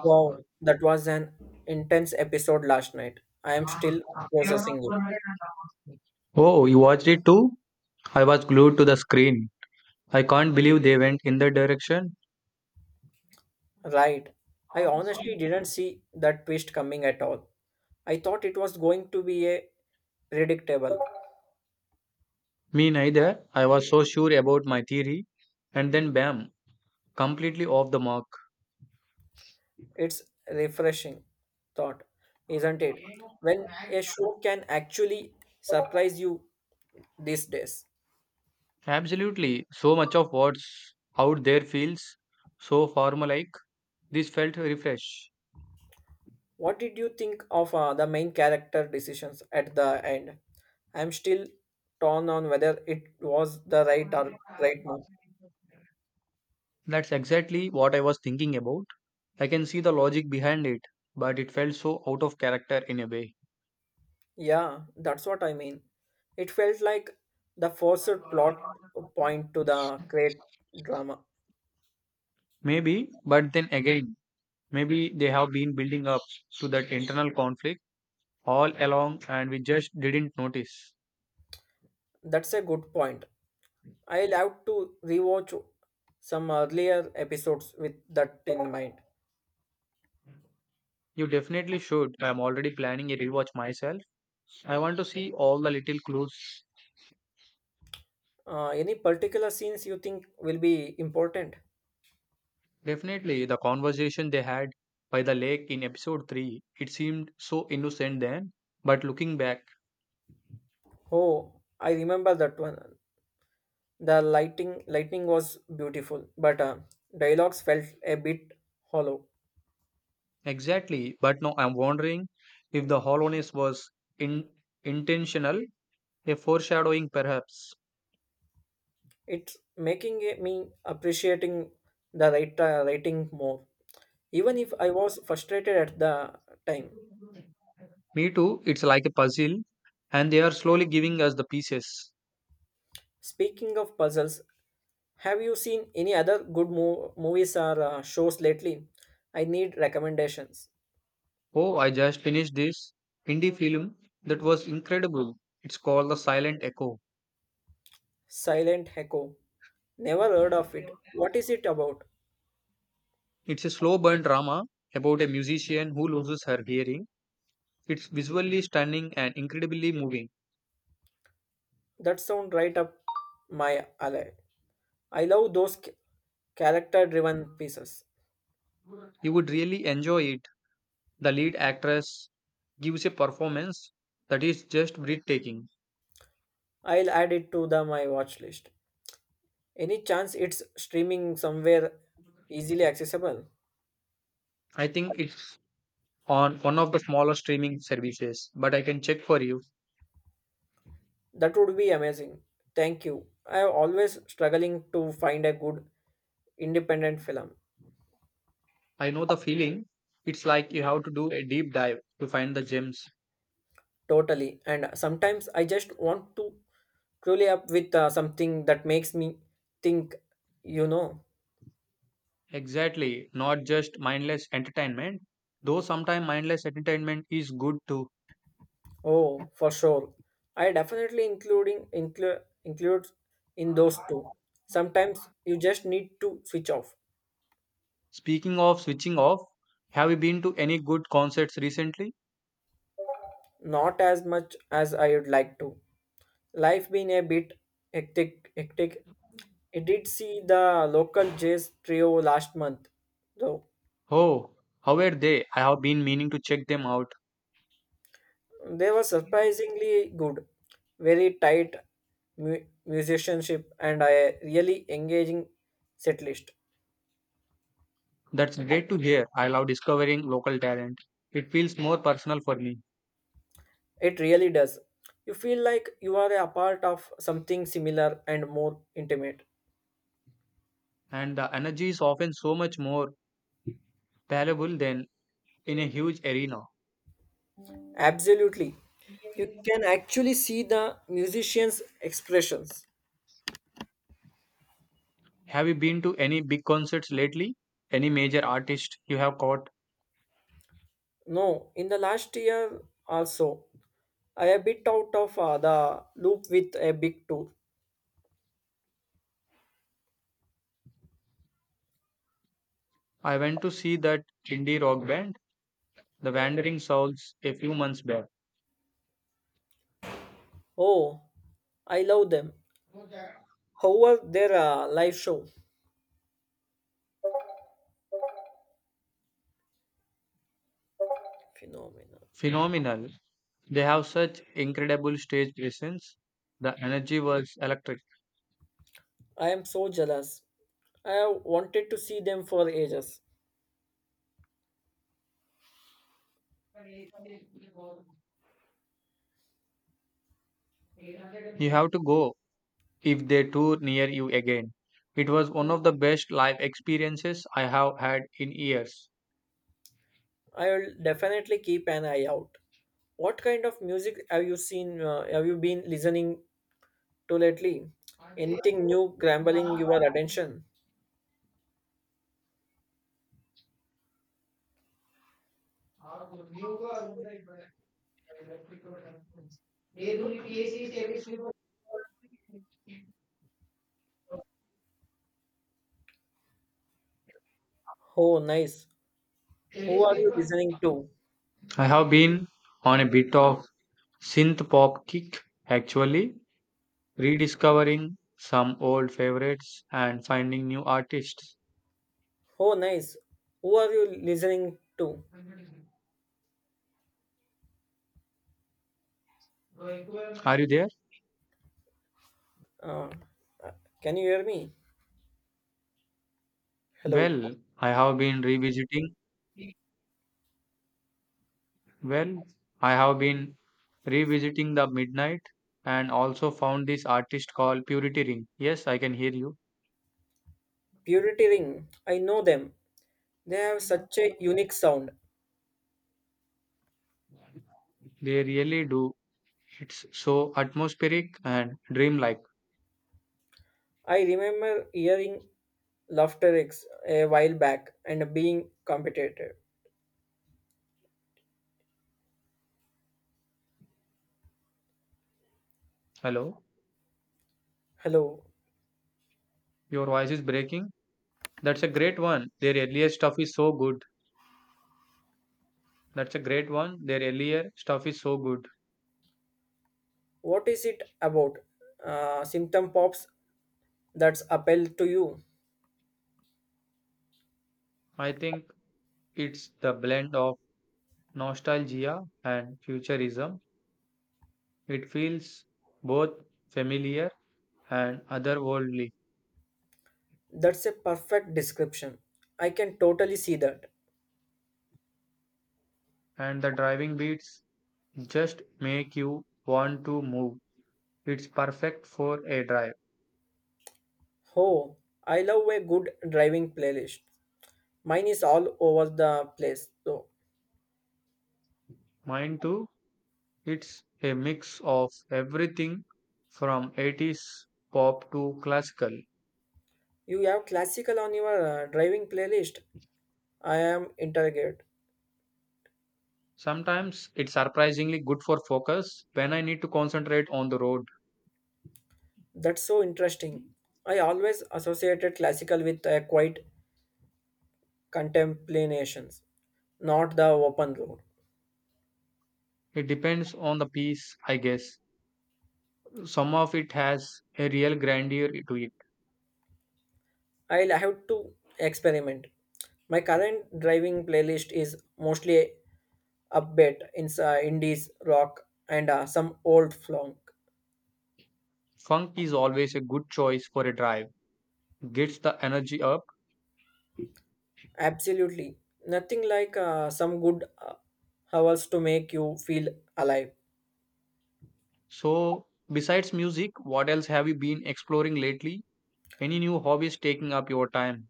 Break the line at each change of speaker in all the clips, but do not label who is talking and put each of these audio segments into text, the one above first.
Wow, that was an intense episode last night. I am still processing it.
Oh, you watched it too? I was glued to the screen. I can't believe they went in that direction.
Right. I honestly didn't see that twist coming at all. I thought it was going to be a predictable.
Me neither. I was so sure about my theory. And then bam, completely off the mark.
It's refreshing thought, isn't it? When a show can actually surprise you these days.
Absolutely. So much of what's out there feels so formal like. This felt refresh.
What did you think of the main character decisions at the end? I'm still torn on whether it was the right or right move.
That's exactly what I was thinking about. I can see the logic behind it, but it felt so out of character in a way.
Yeah, that's what I mean. It felt like the forced plot point to the great drama.
Maybe, but then again, maybe they have been building up to that internal conflict all along and we just didn't notice.
That's a good point. I'll have to rewatch some earlier episodes with that in mind.
You definitely should. I'm already planning a rewatch myself. I want to see all the little clues.
Any particular scenes you think will be important?
Definitely, the conversation they had by the lake in episode 3, it seemed so innocent then. But looking back,
Oh, I remember that one. The lighting lightning was beautiful, but dialogues felt a bit hollow.
exactly. But now I'm wondering if the hollowness was in, intentional, a foreshadowing perhaps.
It's making me appreciating the writer writing more, even if I was frustrated at the time.
Me too, it's like a puzzle, and they are slowly giving us the pieces.
Speaking of puzzles, have you seen any other good movies or shows lately? I need recommendations.
Oh, I just finished this indie film that was incredible. It's called The Silent Echo.
Silent Echo. Never heard of it. What is it about?
It's a slow burn drama about a musician who loses her hearing. It's visually stunning and incredibly moving.
That sound right up my alley. I love those character driven pieces.
You would really enjoy it. The lead actress gives a performance that is just breathtaking.
I'll add it to the my watch list. Any chance it's streaming somewhere easily accessible?
I think it's on one of the smaller streaming services, but I can check for you.
That would be amazing. Thank you. I am always struggling to find a good independent film.
I know the feeling. It's like you have to do a deep dive to find the gems.
Totally. And sometimes I just want to truly up with something that makes me think, you know.
Exactly, not just mindless entertainment, though sometimes mindless entertainment is good too.
Oh, for sure. I definitely including include includes in those two. Sometimes you just need to switch off.
Speaking of switching off, have you been to any good concerts recently?
Not as much as I would like to. Life been a bit hectic. I did see the local jazz trio last month, though
Oh, how were they? I have been meaning to check them out.
they were surprisingly good, very tight musicianship, and a really engaging setlist.
That's great to hear. I love discovering local talent. It feels more personal for me,
It really does. You feel like you are a part of something similar and more intimate.
and the energy is often so much more palpable than in a huge arena.
Absolutely. You can actually see the musicians' expressions.
Have you been to any big concerts lately? Any major artist you have caught?
No, in the last year also, I a bit out of the loop with a big tour.
I went to see that indie rock band The Wandering Souls a few months back.
Oh, I love them. However, their live show phenomenal.
Phenomenal. They have such incredible stage presence. The energy was electric.
I am so jealous. I have wanted to see them for ages.
You have to go if they tour near you again. It was one of the best live experiences I have had in years.
I will definitely keep an eye out. What kind of music have you seen? Have you been listening to lately? Anything new grabbing your attention? Oh, nice. Who are you listening to?
I have been on a bit of synth pop kick actually, rediscovering some old favorites and finding new artists.
Oh, nice. Who are you listening to?
Are you there?
Uh, uh, can you hear me? Hello.
Well, I have been revisiting Well, I have been revisiting the Midnight and also found this artist called Purity Ring. Yes, I can hear you.
Purity Ring. I know them. They have such a unique sound.
They really do. It's so atmospheric and dreamlike.
I remember hearing Laughter X a while back and being competitive.
Hello,
Hello.
your voice is breaking. That's a great one. Their earlier stuff is so good. That's a great one. Their earlier stuff is so good.
What is it about? Symptom pops that's appeal to you.
I think it's the blend of nostalgia and futurism. It feels both familiar and otherworldly,
That's a perfect description. I can totally see that.
and the driving beats just make you want to move. It's perfect for a drive.
Oh, I love a good driving playlist. Mine is all over the place. So,
Mine too, it's a mix of everything from 80s pop to classical.
you have classical on your driving playlist. I am interrogated.
Sometimes it's surprisingly good for focus when I need to concentrate on the road.
That's so interesting. I always associated classical with a quiet contemplations, not the open road.
It depends on the piece, I guess. Some of it has a real grandeur to it.
I'll have to experiment. My current driving playlist is mostly upbeat in indies, rock, and some old flong.
Funk is always a good choice for a drive, gets the energy up.
Absolutely. Nothing like some good hours to make you feel alive.
So, besides music, what else have you been exploring lately? Any new hobbies taking up your time?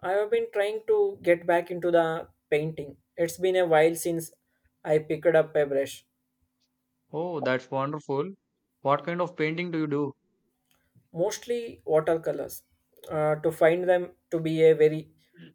I have been trying to get back into the painting. It's been a while since I picked up a brush,
Oh, that's wonderful. What kind of painting do you do?
mostly watercolors, to find them to be a very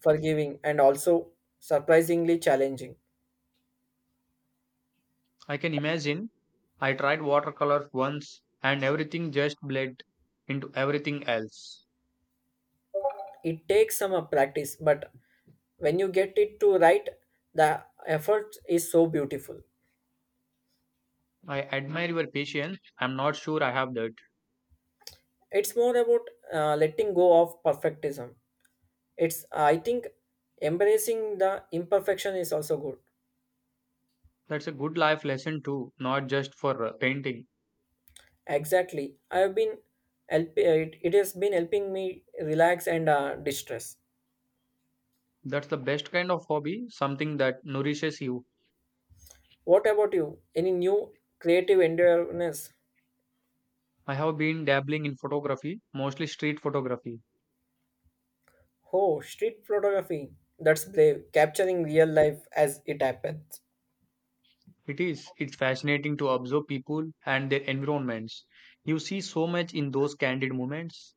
forgiving and also surprisingly challenging.
I can imagine. I tried watercolor once and everything just bled into everything else.
It takes some practice, but when you get it to right, the effort is so beautiful.
I admire your patience. I'm not sure I have that.
It's more about letting go of perfectism. It's I think embracing the imperfection is also good.
That's a good life lesson too, not just for painting.
Exactly. I have been it has been helping me relax and distress.
That's the best kind of hobby, something that nourishes you.
What about you? Any new creative endeavors?
I have been dabbling in photography, mostly street photography.
Oh, street photography. That's brave. Capturing real life as it happens.
It is. It's fascinating to observe people and their environments. You see so much in those candid moments.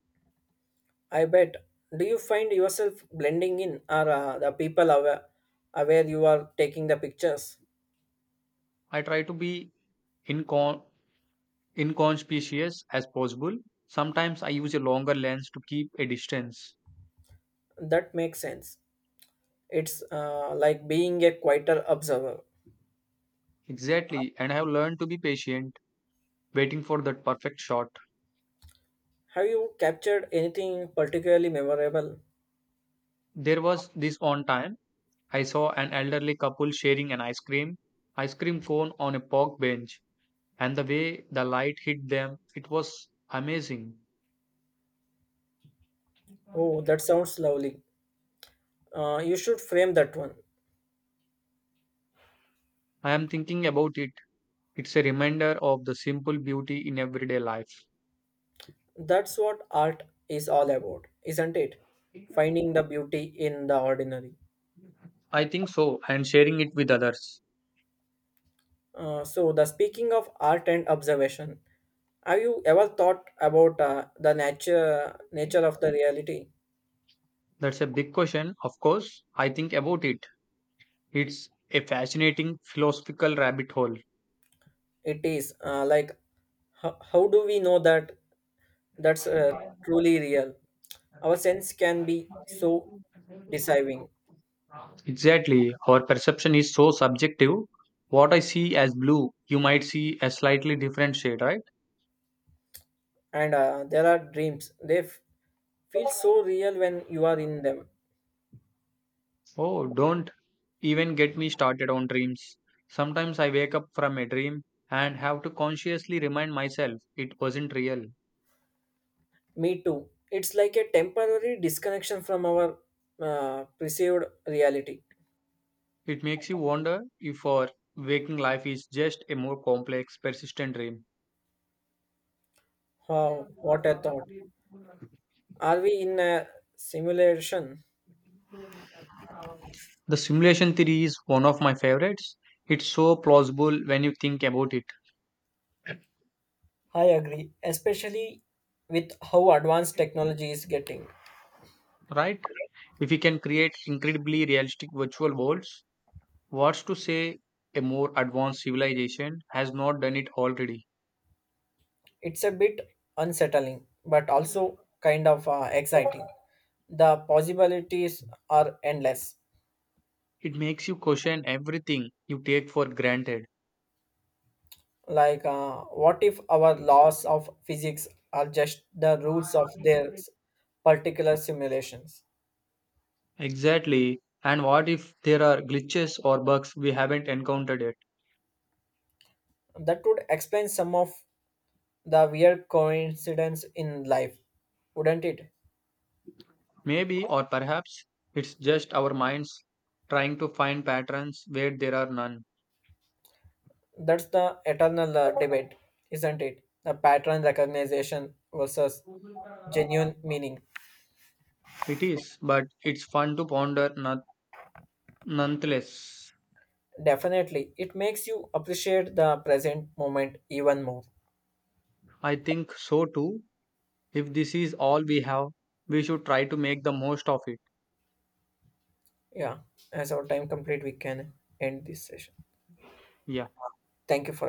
I bet. Do you find yourself blending in, or the people aware you are taking the pictures?
I try to be incon- inconspicuous as possible. Sometimes I use a longer lens to keep a distance.
That makes sense. It's like being a quieter observer.
Exactly, and I have learned to be patient, waiting for that perfect shot.
Have you captured anything particularly memorable?
There was this one time I saw an elderly couple sharing an ice cream cone on a park bench, and the way the light hit them, it was amazing.
Oh, that sounds lovely. You should frame that one.
I am thinking about it. It's a reminder of the simple beauty in everyday life.
That's what art is all about, isn't it? Finding the beauty in the ordinary.
I think so, and sharing it with others.
So, the Speaking of art and observation, have you ever thought about the nature of the reality?
That's a big question, of course. I think about it. It's a fascinating philosophical rabbit hole.
It is like how do we know that that's truly real? Our sense can be so deceiving.
Exactly. Our perception is so subjective. What I see as blue, you might see a slightly different shade, right?
And there are dreams they feel so real when you are in them.
Oh, don't even get me started on dreams. Sometimes I wake up from a dream and have to consciously remind myself it wasn't real.
Me too, it's like a temporary disconnection from our perceived reality.
It makes you wonder if our waking life is just a more complex, persistent dream.
Wow, what a thought. Are we in a simulation?
The simulation theory is one of my favorites. It's so plausible when you think about it,
I agree, especially with how advanced technology is getting.
right? If we can create incredibly realistic virtual worlds, what's to say a more advanced civilization has not done it already?
It's a bit unsettling but also kind of exciting. The possibilities are endless.
It makes you question everything you take for granted.
Like, what if our laws of physics are just the rules of their particular simulations?
Exactly. And what if there are glitches or bugs we haven't encountered yet?
That would explain some of the weird coincidence in life, wouldn't it?
Maybe, or perhaps, it's just our minds trying to find patterns where there are none.
That's the eternal debate, isn't it? The pattern recognition versus genuine meaning.
It is, but it's fun to ponder nonetheless.
Definitely, it makes you appreciate the present moment even more.
I think so too. If this is all we have, we should try to make the most of it.
Yeah, as our time complete, we can end this session.
Yeah.
Thank you for.